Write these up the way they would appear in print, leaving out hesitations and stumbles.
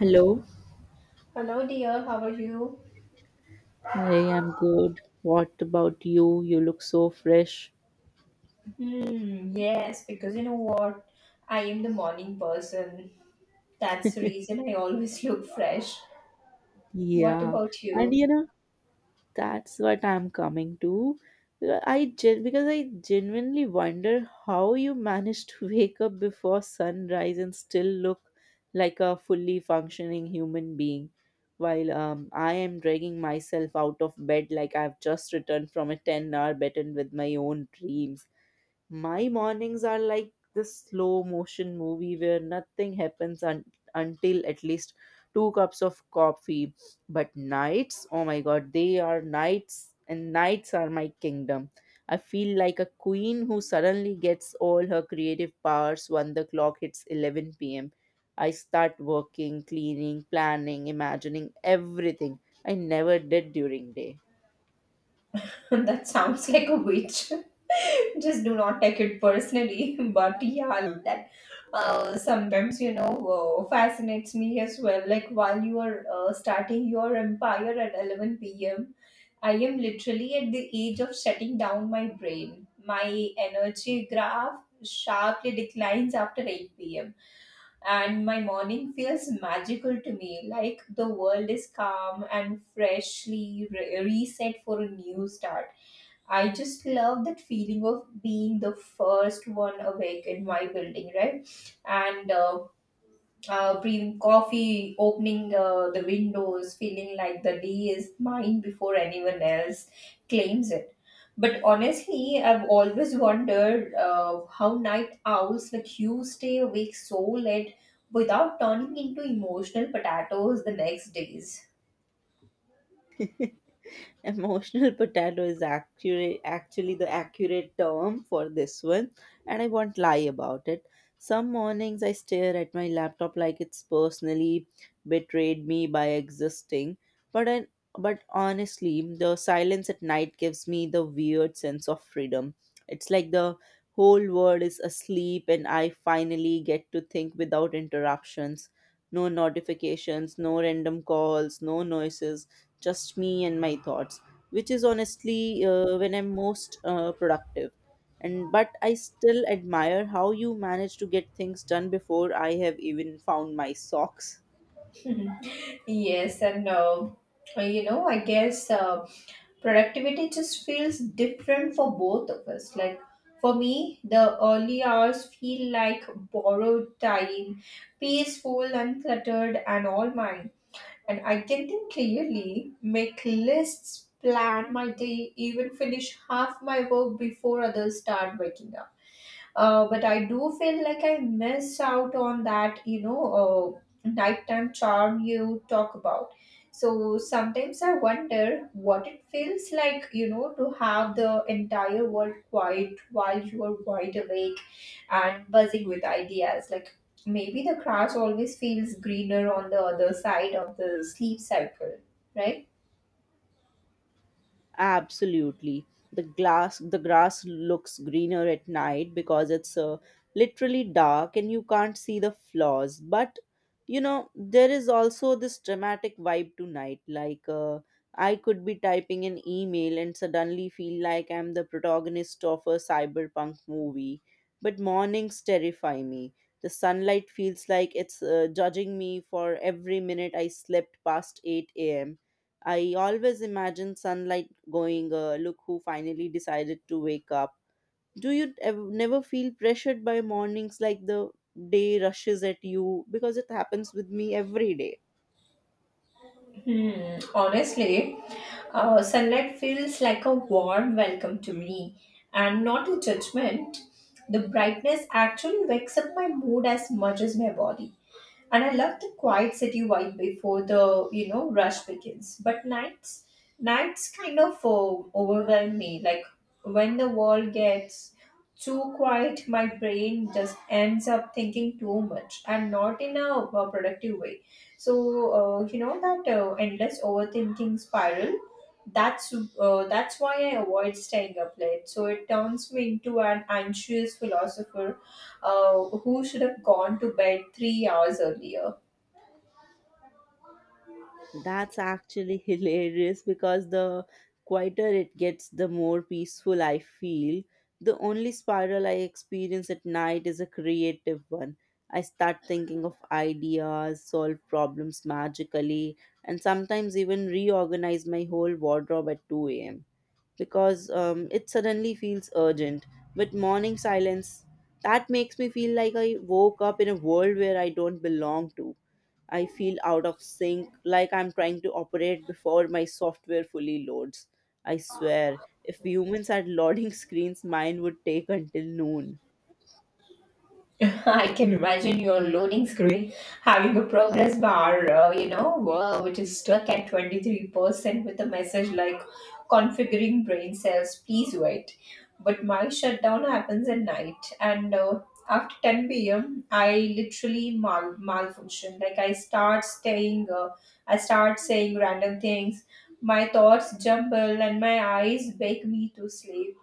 Hello. Hello, dear. How are you? Hi, I'm good. What about you? You look so fresh. Hmm. Yes, because you know what? I am the morning person. That's the reason I always look fresh. What Yeah. about And you? you know, that's what I'm coming to. Because I genuinely wonder how you manage to wake up before sunrise and still look like a fully functioning human being while I am dragging myself out of bed like I've just returned from a 10-hour battle with my own dreams. My mornings are like this slow motion movie where nothing happens un- until at least two cups of coffee. But nights, oh my god, they are nights, and nights are my kingdom. I feel like a queen who suddenly gets all her creative powers when the clock hits 11 pm. I start working, cleaning, planning, imagining everything I never did during day. That sounds like a witch. Just do not take it personally. But yeah, that sometimes, fascinates me as well. Like while you are starting your empire at 11 p.m., I am literally at the age of shutting down my brain. My energy graph sharply declines after 8 p.m. And my morning feels magical to me, like the world is calm and freshly reset for a new start. I just love that feeling of being the first one awake in my building, right? And brewing coffee, opening the windows, feeling like the day is mine before anyone else claims it. But honestly, I've always wondered how night owls like you stay awake so late without turning into emotional potatoes the next days. Emotional potato is accurate, actually the accurate term for this one, and I won't lie about it. Some mornings I stare at my laptop like it's personally betrayed me by existing, but I, but honestly the silence at night gives me the weird sense of freedom. It's like the whole world is asleep and I finally get to think without interruptions. No notifications, no random calls, no noises, just me and my thoughts, which is honestly when I'm most productive. And but I still admire how you manage to get things done before I have even found my socks. Mhm. Yes, and I guess productivity just feels different for both of us. Like for me, the early hours feel like borrowed time, peaceful, uncluttered, and all mine. And I can think clearly, make lists, plan my day, even finish half my work before others start waking up. But I do feel like I miss out on that, nighttime charm you talk about. So sometimes I wonder what it feels like, you know, to have the entire world quiet while you are wide awake and buzzing with ideas. Like maybe the grass always feels greener on the other side of the sleep cycle, right? Absolutely. The grass looks greener at night because it's literally dark and you can't see the flaws. But you know, there is also this dramatic vibe to night. Like I could be typing an email and suddenly feel like I'm the protagonist of a cyberpunk movie. But mornings terrify me. The sunlight feels like it's judging me for every minute I slept past 8 a.m. I always imagine sunlight going, look who finally decided to wake up. Do you never feel pressured by mornings, like the day rushes at you? Because it happens with me every day. Hmm, honestly, sunlight feels like a warm welcome to me and not a judgment. The brightness actually wakes up my mood as much as my body. And I love the quiet city vibe before the, you know, rush begins. But nights, nights kind of overwhelm me. Like when the world gets too quiet, my brain just ends up thinking too much and not in a productive way. So you know that endless overthinking spiral. That's that's why I avoid staying up late. So it turns me into an anxious philosopher, who should have gone to bed 3 hours earlier. That's actually hilarious because the quieter it gets, the more peaceful I feel. The only spiral I experience at night is a creative one. I start thinking of ideas, solve problems magically, and sometimes even reorganize my whole wardrobe at 2 a.m. because it suddenly feels urgent. But morning silence, that makes me feel like I woke up in a world where I don't belong to. I feel out of sync, like I'm trying to operate before my software fully loads. I swear, if humans had loading screens, mine would take until noon. I can imagine your loading screen having a progress bar, wow, which is stuck at 23% with a message like configuring brain cells, please wait. But my shutdown happens at night, and after 10 p.m., I literally malfunction. Like, I start saying random things, my thoughts jumble, and my eyes beg me to sleep.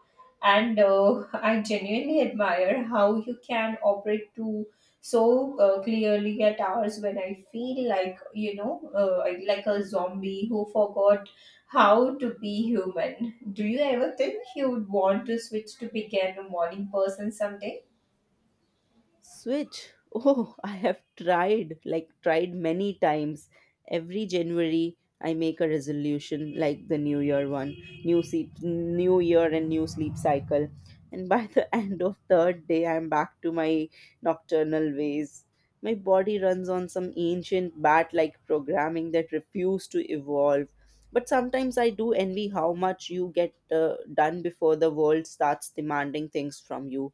And I genuinely admire how you can operate to so clearly at hours when I feel like, like a zombie who forgot how to be human. Do you ever think you would want to switch to become a morning person someday? Switch. Oh, I have tried, like, tried many times. Every January, I make a resolution like the New Year one, new sleep, new year and new sleep cycle. And by the end of third day, I'm back to my nocturnal ways. My body runs on some ancient bat like programming that refused to evolve. But sometimes I do envy how much you get done before the world starts demanding things from you.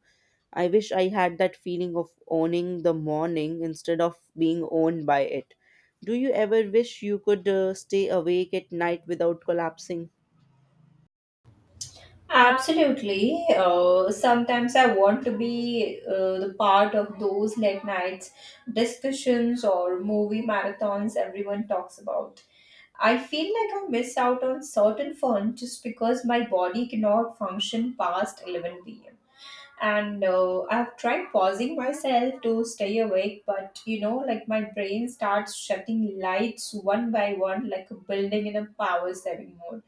I wish I had that feeling of owning the morning instead of being owned by it. Do you ever wish you could stay awake at night without collapsing? Absolutely. Sometimes I want to be the part of those late nights discussions or movie marathons everyone talks about. I feel like I miss out on certain fun just because my body cannot function past 11 pm. And I've tried pausing myself to stay awake, but you know, like my brain starts shutting lights one by one like a building in a power saving mode.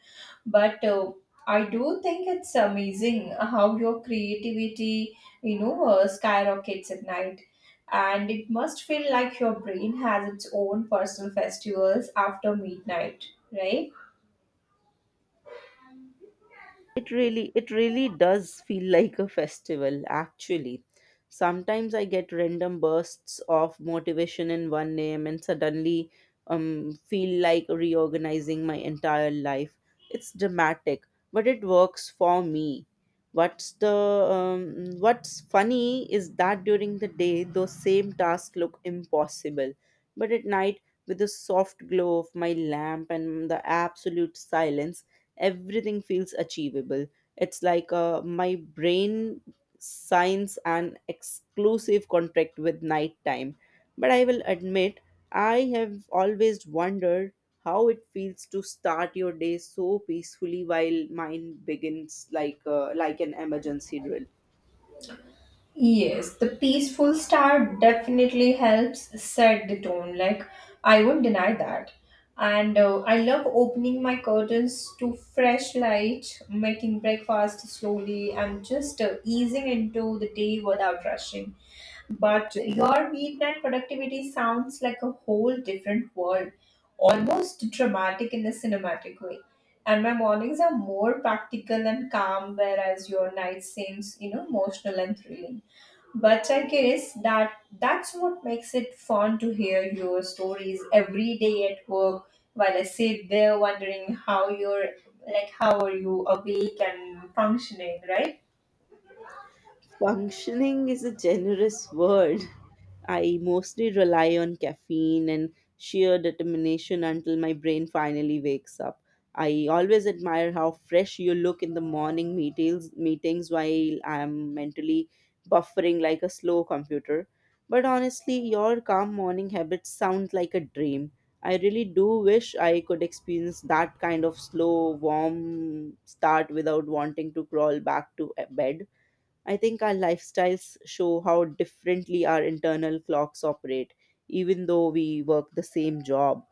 But I do think it's amazing how your creativity, skyrockets at night, and it must feel like your brain has its own personal festivals after midnight, right? It really does feel like a festival, actually. Sometimes I get random bursts of motivation in 1 a.m. and suddenly feel like reorganizing my entire life. It's dramatic, but it works for me. What's the what's funny is that during the day those same tasks look impossible, but at night with the soft glow of my lamp and the absolute silence everything feels achievable. It's like my brain signs an exclusive contract with nighttime. But I will admit, I have always wondered how it feels to start your day so peacefully while mine begins like an emergency drill. Yes, the peaceful star definitely helps set the tone. Like, I won't deny that. And I love opening my curtains to fresh light, making breakfast slowly, and just easing into the day without rushing. But your weeknight productivity sounds like a whole different world, almost dramatic in a cinematic way. And my mornings are more practical and calm, whereas your night seems, you know, emotional and thrilling. But I guess that's what makes it fun to hear your stories every day at work while I sit there wondering how you're like, how are you awake and functioning, right? Functioning is a generous word. I mostly rely on caffeine and sheer determination until my brain finally wakes up. I always admire how fresh you look in the morning meetings, while I'm mentally buffering like a slow computer. But honestly, your calm morning habits sound like a dream. I really do wish I could experience that kind of slow, warm start without wanting to crawl back to bed. I think our lifestyles show how differently our internal clocks operate, even though we work the same job.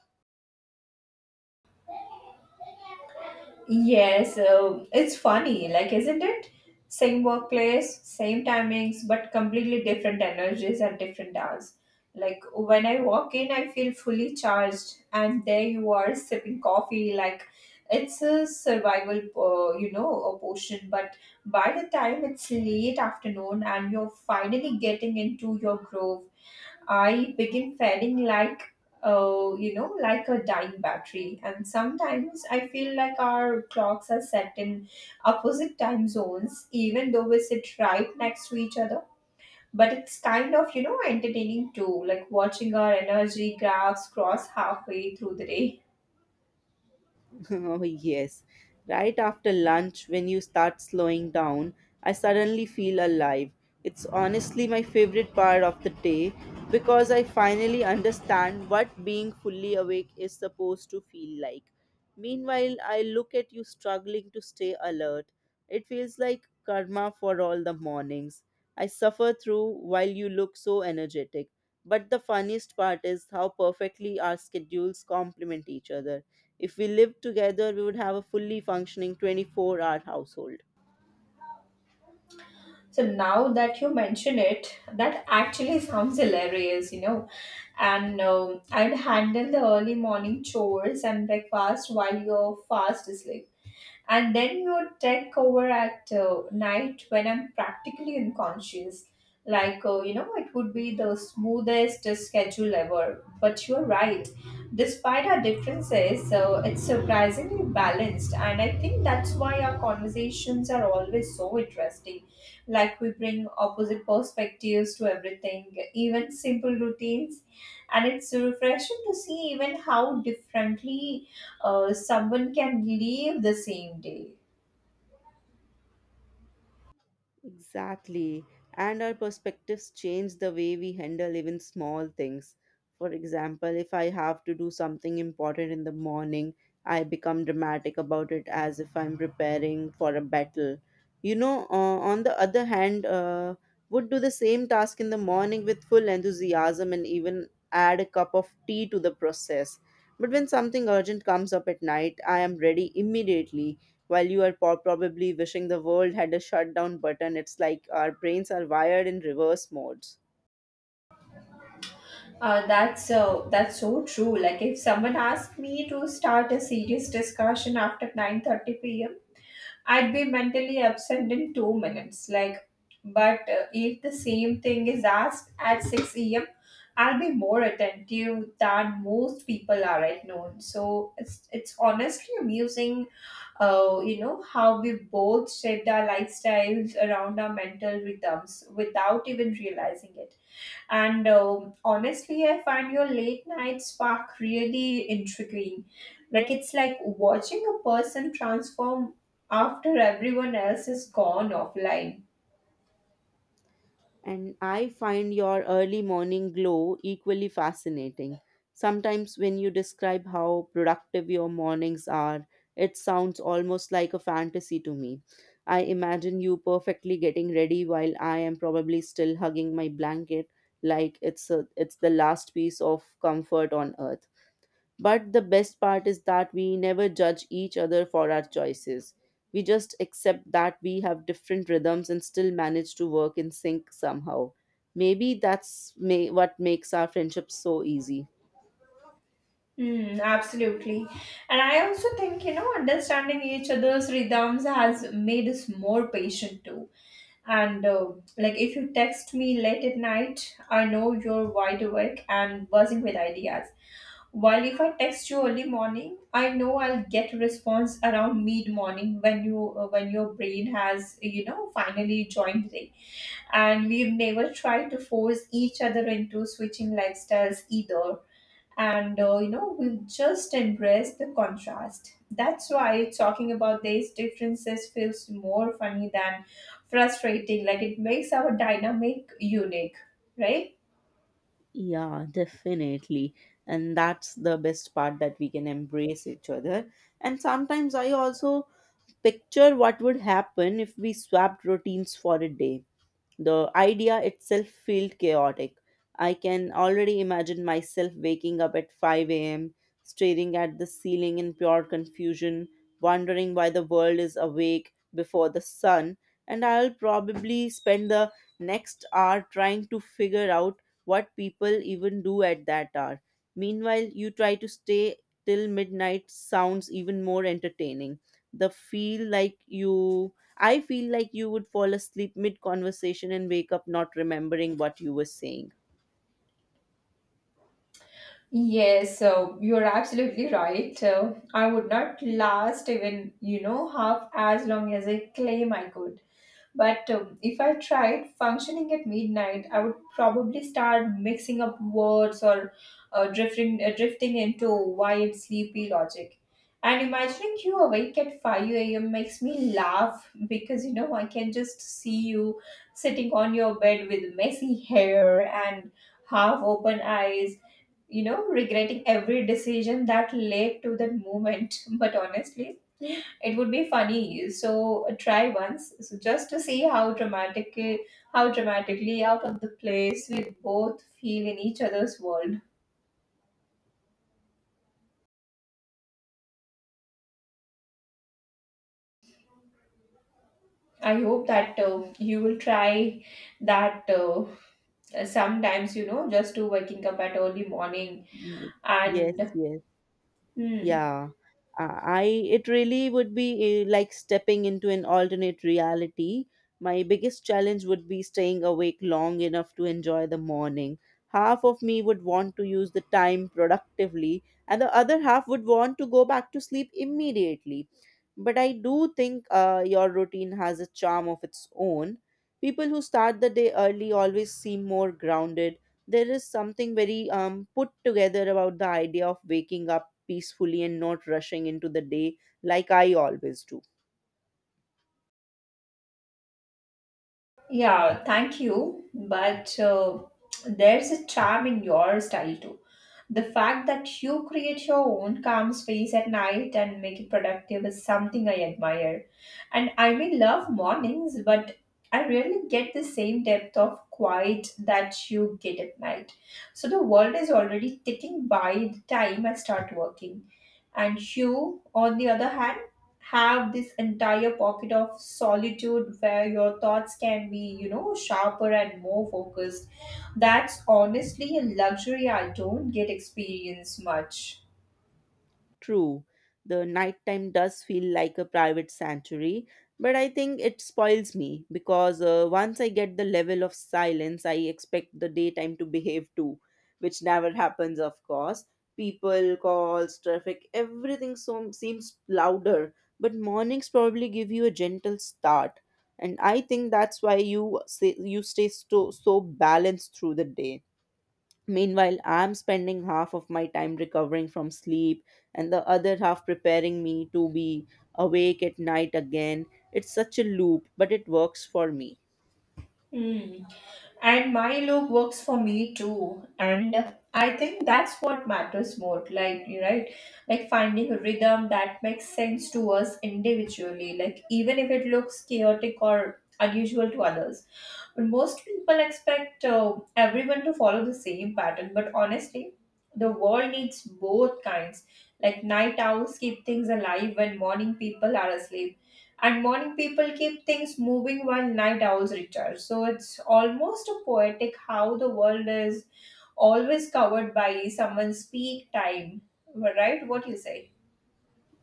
Yes, it's funny, like, isn't it? Same workplace, same timings, but completely different energies and different hours. Like, when I walk in, I feel fully charged, and there you are sipping coffee. Like, it's a survival, a portion. But by the time it's late afternoon and you're finally getting into your groove, I begin feeling like, like a dying battery. And sometimes I feel like our clocks are set in opposite time zones, even though we sit right next to each other. But it's kind of, you know, entertaining too, like watching our energy graphs cross halfway through the day. Oh, yes. Right after lunch, when you start slowing down, I suddenly feel alive. It's honestly my favorite part of the day because I finally understand what being fully awake is supposed to feel like. Meanwhile, I look at you struggling to stay alert. It feels like karma for all the mornings I suffer through while you look so energetic. But the funniest part is how perfectly our schedules complement each other. If we lived together, we would have a fully functioning 24-hour household. So now that you mention it, that actually sounds hilarious, you know. And I'd handle the early morning chores and breakfast while you're fast asleep, and then you take over at night when I'm practically unconscious. Like, it would be the smoothest schedule ever. But you're right, despite our differences, so it's surprisingly balanced, and I think that's why our conversations are always so interesting. Like, we bring opposite perspectives to everything, even simple routines, and it's refreshing to see even how differently someone can live the same day. Exactly. And our perspectives change the way we handle even small things. For example, if I have to do something important in the morning, I become dramatic about it as if I'm preparing for a battle. You know, on the other hand, would do the same task in the morning with full enthusiasm and even add a cup of tea to the process. But when something urgent comes up at night, I am ready immediately while you are probably wishing the world had a shutdown button. It's like our brains are wired in reverse modes. That's so true. Like, if someone asked me to start a serious discussion after 9:30 p.m., I'd be mentally absent in 2 minutes. But if the same thing is asked at six a.m., I'll be more attentive than most people are. I've So it's honestly amusing, how we both shaped our lifestyles around our mental rhythms without even realizing it. And honestly, I find your late night spark really intriguing. Like, it's like watching a person transform after everyone else is gone offline. And I find your early morning glow equally fascinating. Sometimes, when you describe how productive your mornings are, it sounds almost like a fantasy to me. I imagine you perfectly getting ready while I am probably still hugging my blanket like it's the last piece of comfort on earth. But the best part is that we never judge each other for our choices. We just accept that we have different rhythms and still manage to work in sync somehow. Maybe that's what makes our friendship so easy. Hmm, absolutely. And I also think, you know, understanding each other's rhythms has made us more patient too. And Like, if you text me late at night, I know you're wide awake and buzzing with ideas, while if I text you early morning, I know I'll get a response around mid morning when you when your brain has, you know, finally joined the day. And we've never tried to force each other into switching lifestyles either, and we've just embraced the contrast. That's why talking about these differences feels more funny than frustrating. Like, it makes our dynamic unique, right? Yeah, definitely. And that's the best part, that we can embrace each other. And sometimes I also picture what would happen if we swapped routines for a day. The idea itself felt chaotic. I can already imagine myself waking up at 5 a.m., staring at the ceiling in pure confusion, wondering why the world is awake before the sun, and I'll probably spend the next hour trying to figure out what people even do at that hour. Meanwhile, you try to stay till midnight sounds even more entertaining. The feel like you I feel like you would fall asleep mid conversation and wake up not remembering what you were saying. Yes, so you're absolutely right. I would not last even, you know, half as long as I claim I could. But if I tried functioning at midnight, I would probably start mixing up words, or drifting into wild, sleepy logic. And imagining you awake at 5 a.m. makes me laugh, because you know, I can just see you sitting on your bed with messy hair and half open eyes, you know, regretting every decision that led to that moment. But honestly, it would be funny. So try once, so just to see how dramatically out of the place we both feel in each other's world. I hope that you will try that sometimes. You know, just to waking up at early morning Mm. Yes, and yes. hmm, Yeah, I it really would be like stepping into an alternate reality. My biggest challenge would be staying awake long enough to enjoy the morning. Half of me would want to use the time productively and the other half would want to go back to sleep immediately. But I do think your routine has a charm of its own. People who start the day early always seem more grounded. There is something very put together about the idea of waking up peacefully and not rushing into the day like I always do. yeah, thank you. But there's a charm in your style too. The fact that you create your own calm space at night and make it productive is something I admire. And I may love mornings, but I rarely get the same depth of quiet that you get at night. So the world is already ticking by the time I start working. And you, on the other hand, have this entire pocket of solitude where your thoughts can be, you know, sharper and more focused. That's honestly a luxury I don't get experience much. True, the nighttime does feel like a private sanctuary, but I think it spoils me because once I get the level of silence, I expect the daytime to behave too, which never happens, of course. People, calls, traffic, everything so, seems louder, but mornings probably give you a gentle start. And I think that's why you say, you stay so balanced through the day. Meanwhile, I'm spending half of my time recovering from sleep and the other half preparing me to be awake at night again. It's such a loop, but it works for me. Hmm. And my look works for me too. And I think that's what matters more, like you, right? Like finding a rhythm that makes sense to us individually, like, even if it looks chaotic or unusual to others. But most people expect everyone to follow the same pattern. But honestly, the world needs both kinds. Like, night owls keep things alive when morning people are asleep, and morning people keep things moving while night owls recharge. So it's almost a poetic how the world is always covered by someone's peak time. Right? What you say?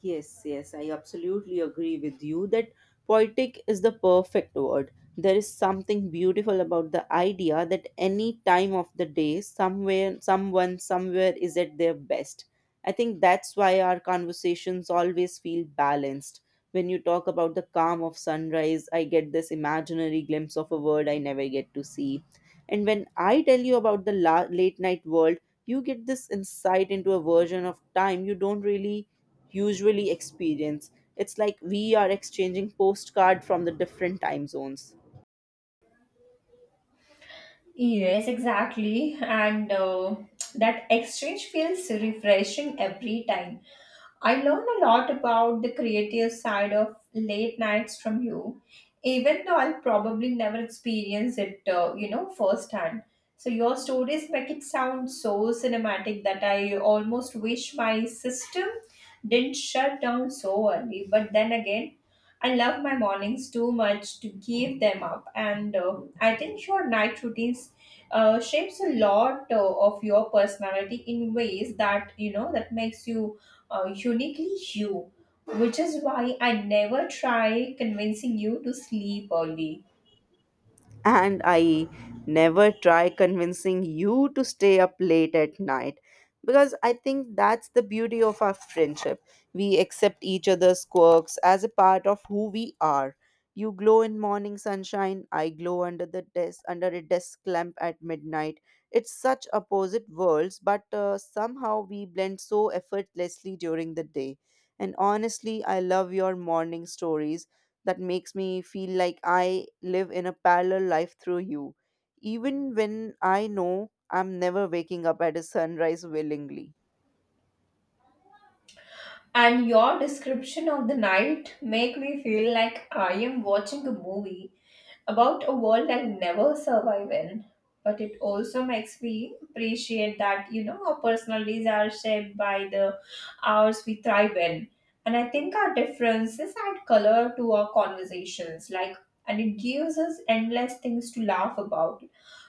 Yes, yes, I absolutely agree with you that poetic is the perfect word. There is something beautiful about the idea that any time of the day, somewhere, someone, somewhere is at their best. I think that's why our conversations always feel balanced. When you talk about the calm of sunrise, I get this imaginary glimpse of a world I never get to see. And when I tell you about the late night world, you get this insight into a version of time you don't really usually experience. It's like we are exchanging postcard from the different time zones. Yes, exactly. And that exchange feels refreshing every time. I learned a lot about the creative side of late nights from you, even though I'll probably never experience it, firsthand. So your stories make it sound so cinematic that I almost wish my system didn't shut down so early. But then again, I love my mornings too much to give them up, and I think your night routines shapes a lot of your personality in ways that that makes you uniquely you, which is why I never try convincing you to sleep early. And I never try convincing you to stay up late at night because I think that's the beauty of our friendship. We accept each other's quirks as a part of who we are. You glow in morning sunshine, I glow under a desk lamp at midnight. It's such opposite worlds, but somehow we blend so effortlessly during the day. And honestly, I love your morning stories that makes me feel like I live in a parallel life through you, even when I know I'm never waking up at a sunrise willingly. And your description of the night make me feel like I am watching a movie about a world I'll never survive in. But it also makes me appreciate that, our personalities are shaped by the hours we thrive in. And I think our differences add color to our conversations, and it gives us endless things to laugh about.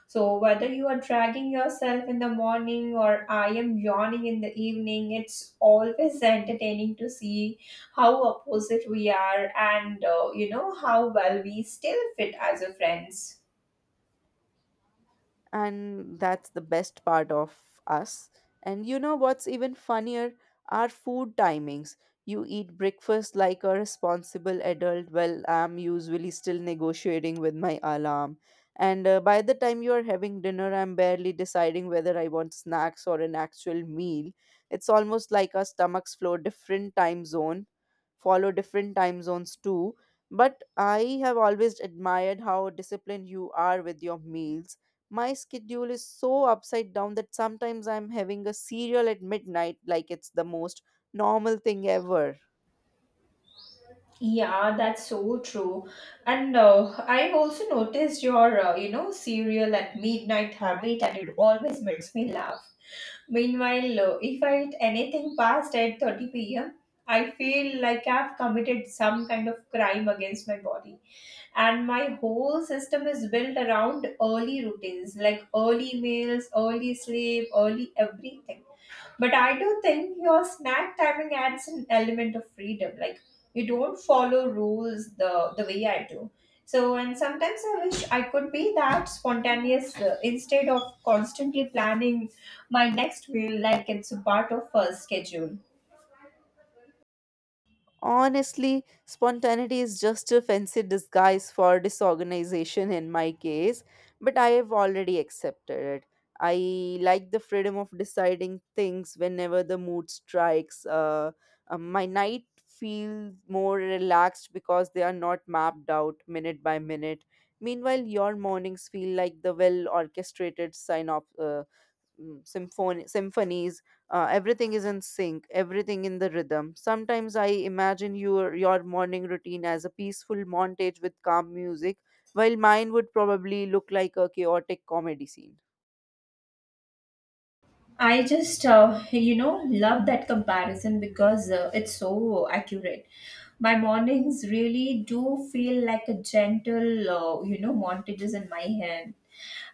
So whether you are dragging yourself in the morning or I am yawning in the evening, it's always entertaining to see how opposite we are and you know how well we still fit as a friends. And that's the best part of us. And you know what's even funnier? Our food timings. You eat breakfast like a responsible adult, well, I'm usually still negotiating with my alarm. And by the time you are having dinner, I'm barely deciding whether I want snacks or an actual meal. It's almost like our stomachs flow different time zone, follow different time zones too. But I have always admired how disciplined you are with your meals. My schedule is so upside down that sometimes I'm having a cereal at midnight like it's the most normal thing ever. Yeah, that's so true. And I've also noticed your cereal at midnight habit, and it always makes me laugh. Meanwhile, if I eat anything past 8:30 p.m., I feel like I've committed some kind of crime against my body. And my whole system is built around early routines, like early meals, early sleep, early everything. But I do think your snack timing adds an element of freedom. Like, you don't follow rules the way I do. So, and sometimes I wish I could be that spontaneous instead of constantly planning my next meal like it's a part of a schedule. Honestly, spontaneity is just a fancy disguise for disorganization in my case, but I have already accepted it. I like the freedom of deciding things whenever the mood strikes. My night feel more relaxed because they are not mapped out minute by minute. Meanwhile, your mornings feel like the well orchestrated sign off, symphony symphonies Everything is in sync, everything in the rhythm. Sometimes I imagine your morning routine as a peaceful montage with calm music, while mine would probably look like a chaotic comedy scene. I just, love that comparison because it's so accurate. My mornings really do feel like a gentle, montages in my hair.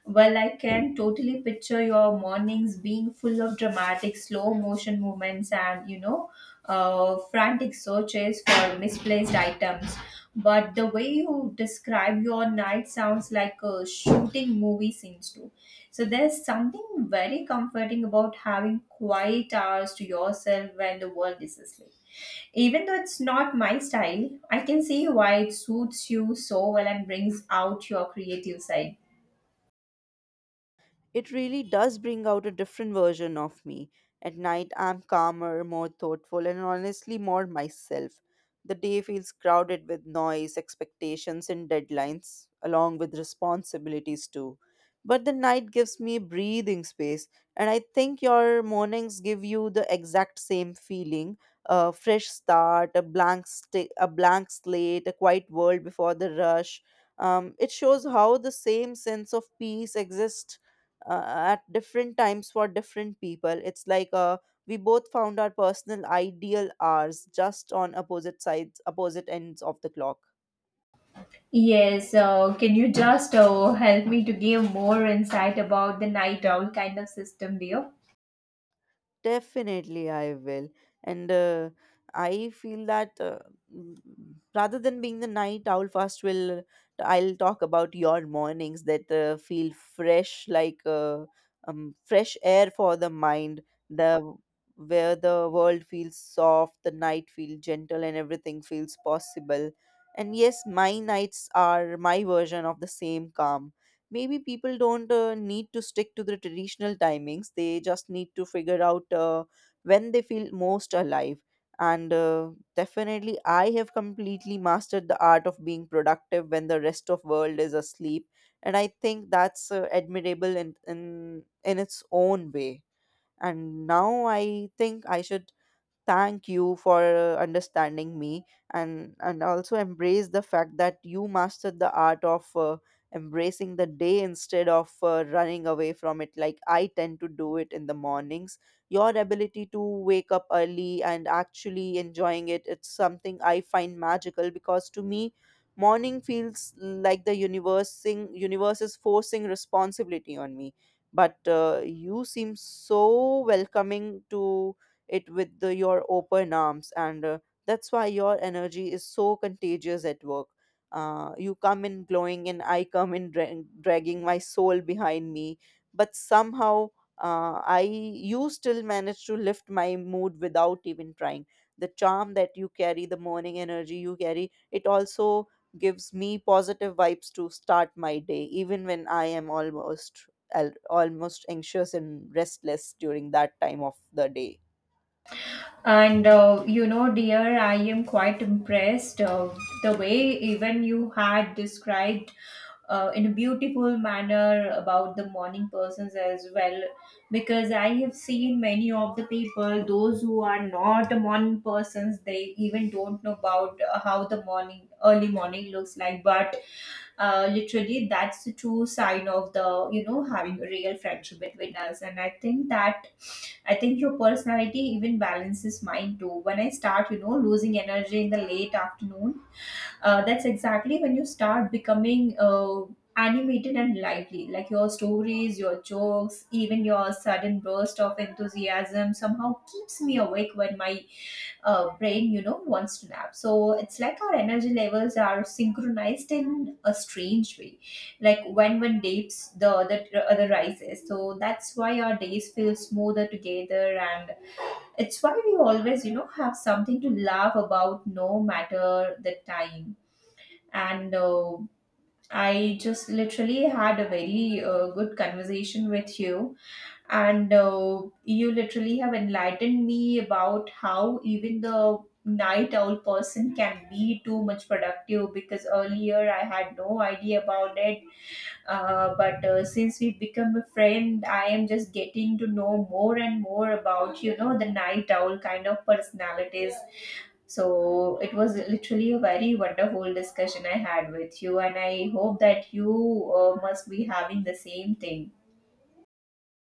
Well, I can totally picture your mornings being full of dramatic slow motion movements and, frantic searches for misplaced items. But the way you describe your night sounds like a shooting movie scenes too. So there's something very comforting about having quiet hours to yourself when the world is asleep. Even though it's not my style, I can see why it suits you so well and brings out your creative side. It really does bring out a different version of me. At night, I'm calmer, more thoughtful, and honestly more myself. The day feels crowded with noise, expectations, and deadlines, along with responsibilities too. But the night gives me breathing space, and I think your mornings give you the exact same feeling, a fresh start, a blank slate, a quiet world before the rush. It shows how the same sense of peace exists uh, at different times for different people. It's like we both found our personal ideal hours just on opposite sides, opposite ends of the clock. Yes, can you just help me to give more insight about the night owl kind of system, dear? Definitely, I will. And I feel that mm, rather than being the night owl, first will I'll talk about your mornings that feel fresh, like fresh air for the mind. The Where the world feels soft, the night feels gentle, and everything feels possible. And yes, my nights are my version of the same calm. Maybe people don't need to stick to the traditional timings, they just need to figure out when they feel most alive. And definitely I have completely mastered the art of being productive when the rest of world is asleep, and I think that's admirable in its own way. And now I think I should thank you for understanding me, and also embrace the fact that you mastered the art of embracing the day instead of running away from it like I tend to do it in the mornings. Your ability to wake up early and actually enjoying it, it's something I find magical, because to me morning feels like universe is forcing responsibility on me. But you seem so welcoming to it with your open arms. And that's why your energy is so contagious at work. You come in glowing and I come in dragging my soul behind me. But somehow I you still manage to lift my mood without even trying. The charm that you carry, the morning energy you carry, it also gives me positive vibes to start my day, even when I am almost anxious and restless during that time of the day. And dear, I am quite impressed, the way even you had described in a beautiful manner about the morning persons as well. Because I have seen many of the people, those who are not the morning persons, they even don't know about how the morning, early morning looks like. But literally, that's the true sign of the, having a real friendship between us. And I think that, I think your personality even balances mine too when I start, losing energy in the late afternoon. That's exactly when you start becoming animated and lively, like your stories, your jokes, even your sudden burst of enthusiasm somehow keeps me awake when my brain, wants to nap. So it's like our energy levels are synchronized in a strange way, like when one dips, the other other rises. So that's why our days feel smoother together, and it's why we always, have something to laugh about, no matter the time. And I just literally had a very good conversation with you, and you literally have enlightened me about how even the night owl person can be too much productive, because earlier I had no idea about it. But since we've become a friend, I am just getting to know more and more about, the night owl kind of personalities. So it was literally a very wonderful discussion I had with you, and I hope that you, must be having the same thing.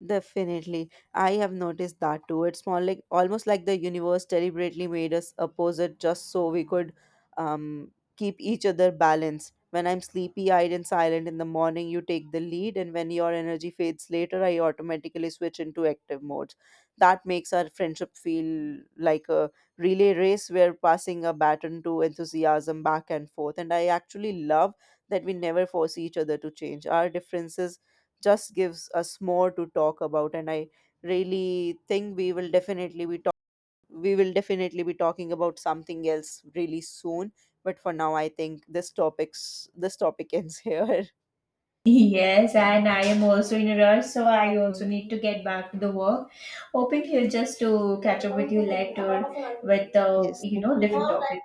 Definitely. I have noticed that too. It's more like almost like the universe deliberately made us opposite just so we could um, keep each other balanced. When I'm sleepy eyed and silent in the morning, you take the lead, and when your energy fades later, I automatically switch into active modes. That makes our friendship feel like a relay race where passing a baton to enthusiasm back and forth. And I actually love that we never force each other to change. Our differences just gives us more to talk about. And I really think we will definitely we will definitely be talking about something else really soon, but for now I think this topic ends here. Yes, and I am also in a rush, so I also need to get back to the work. Hoping here just to catch up with you later with Yes, thank different you. topic.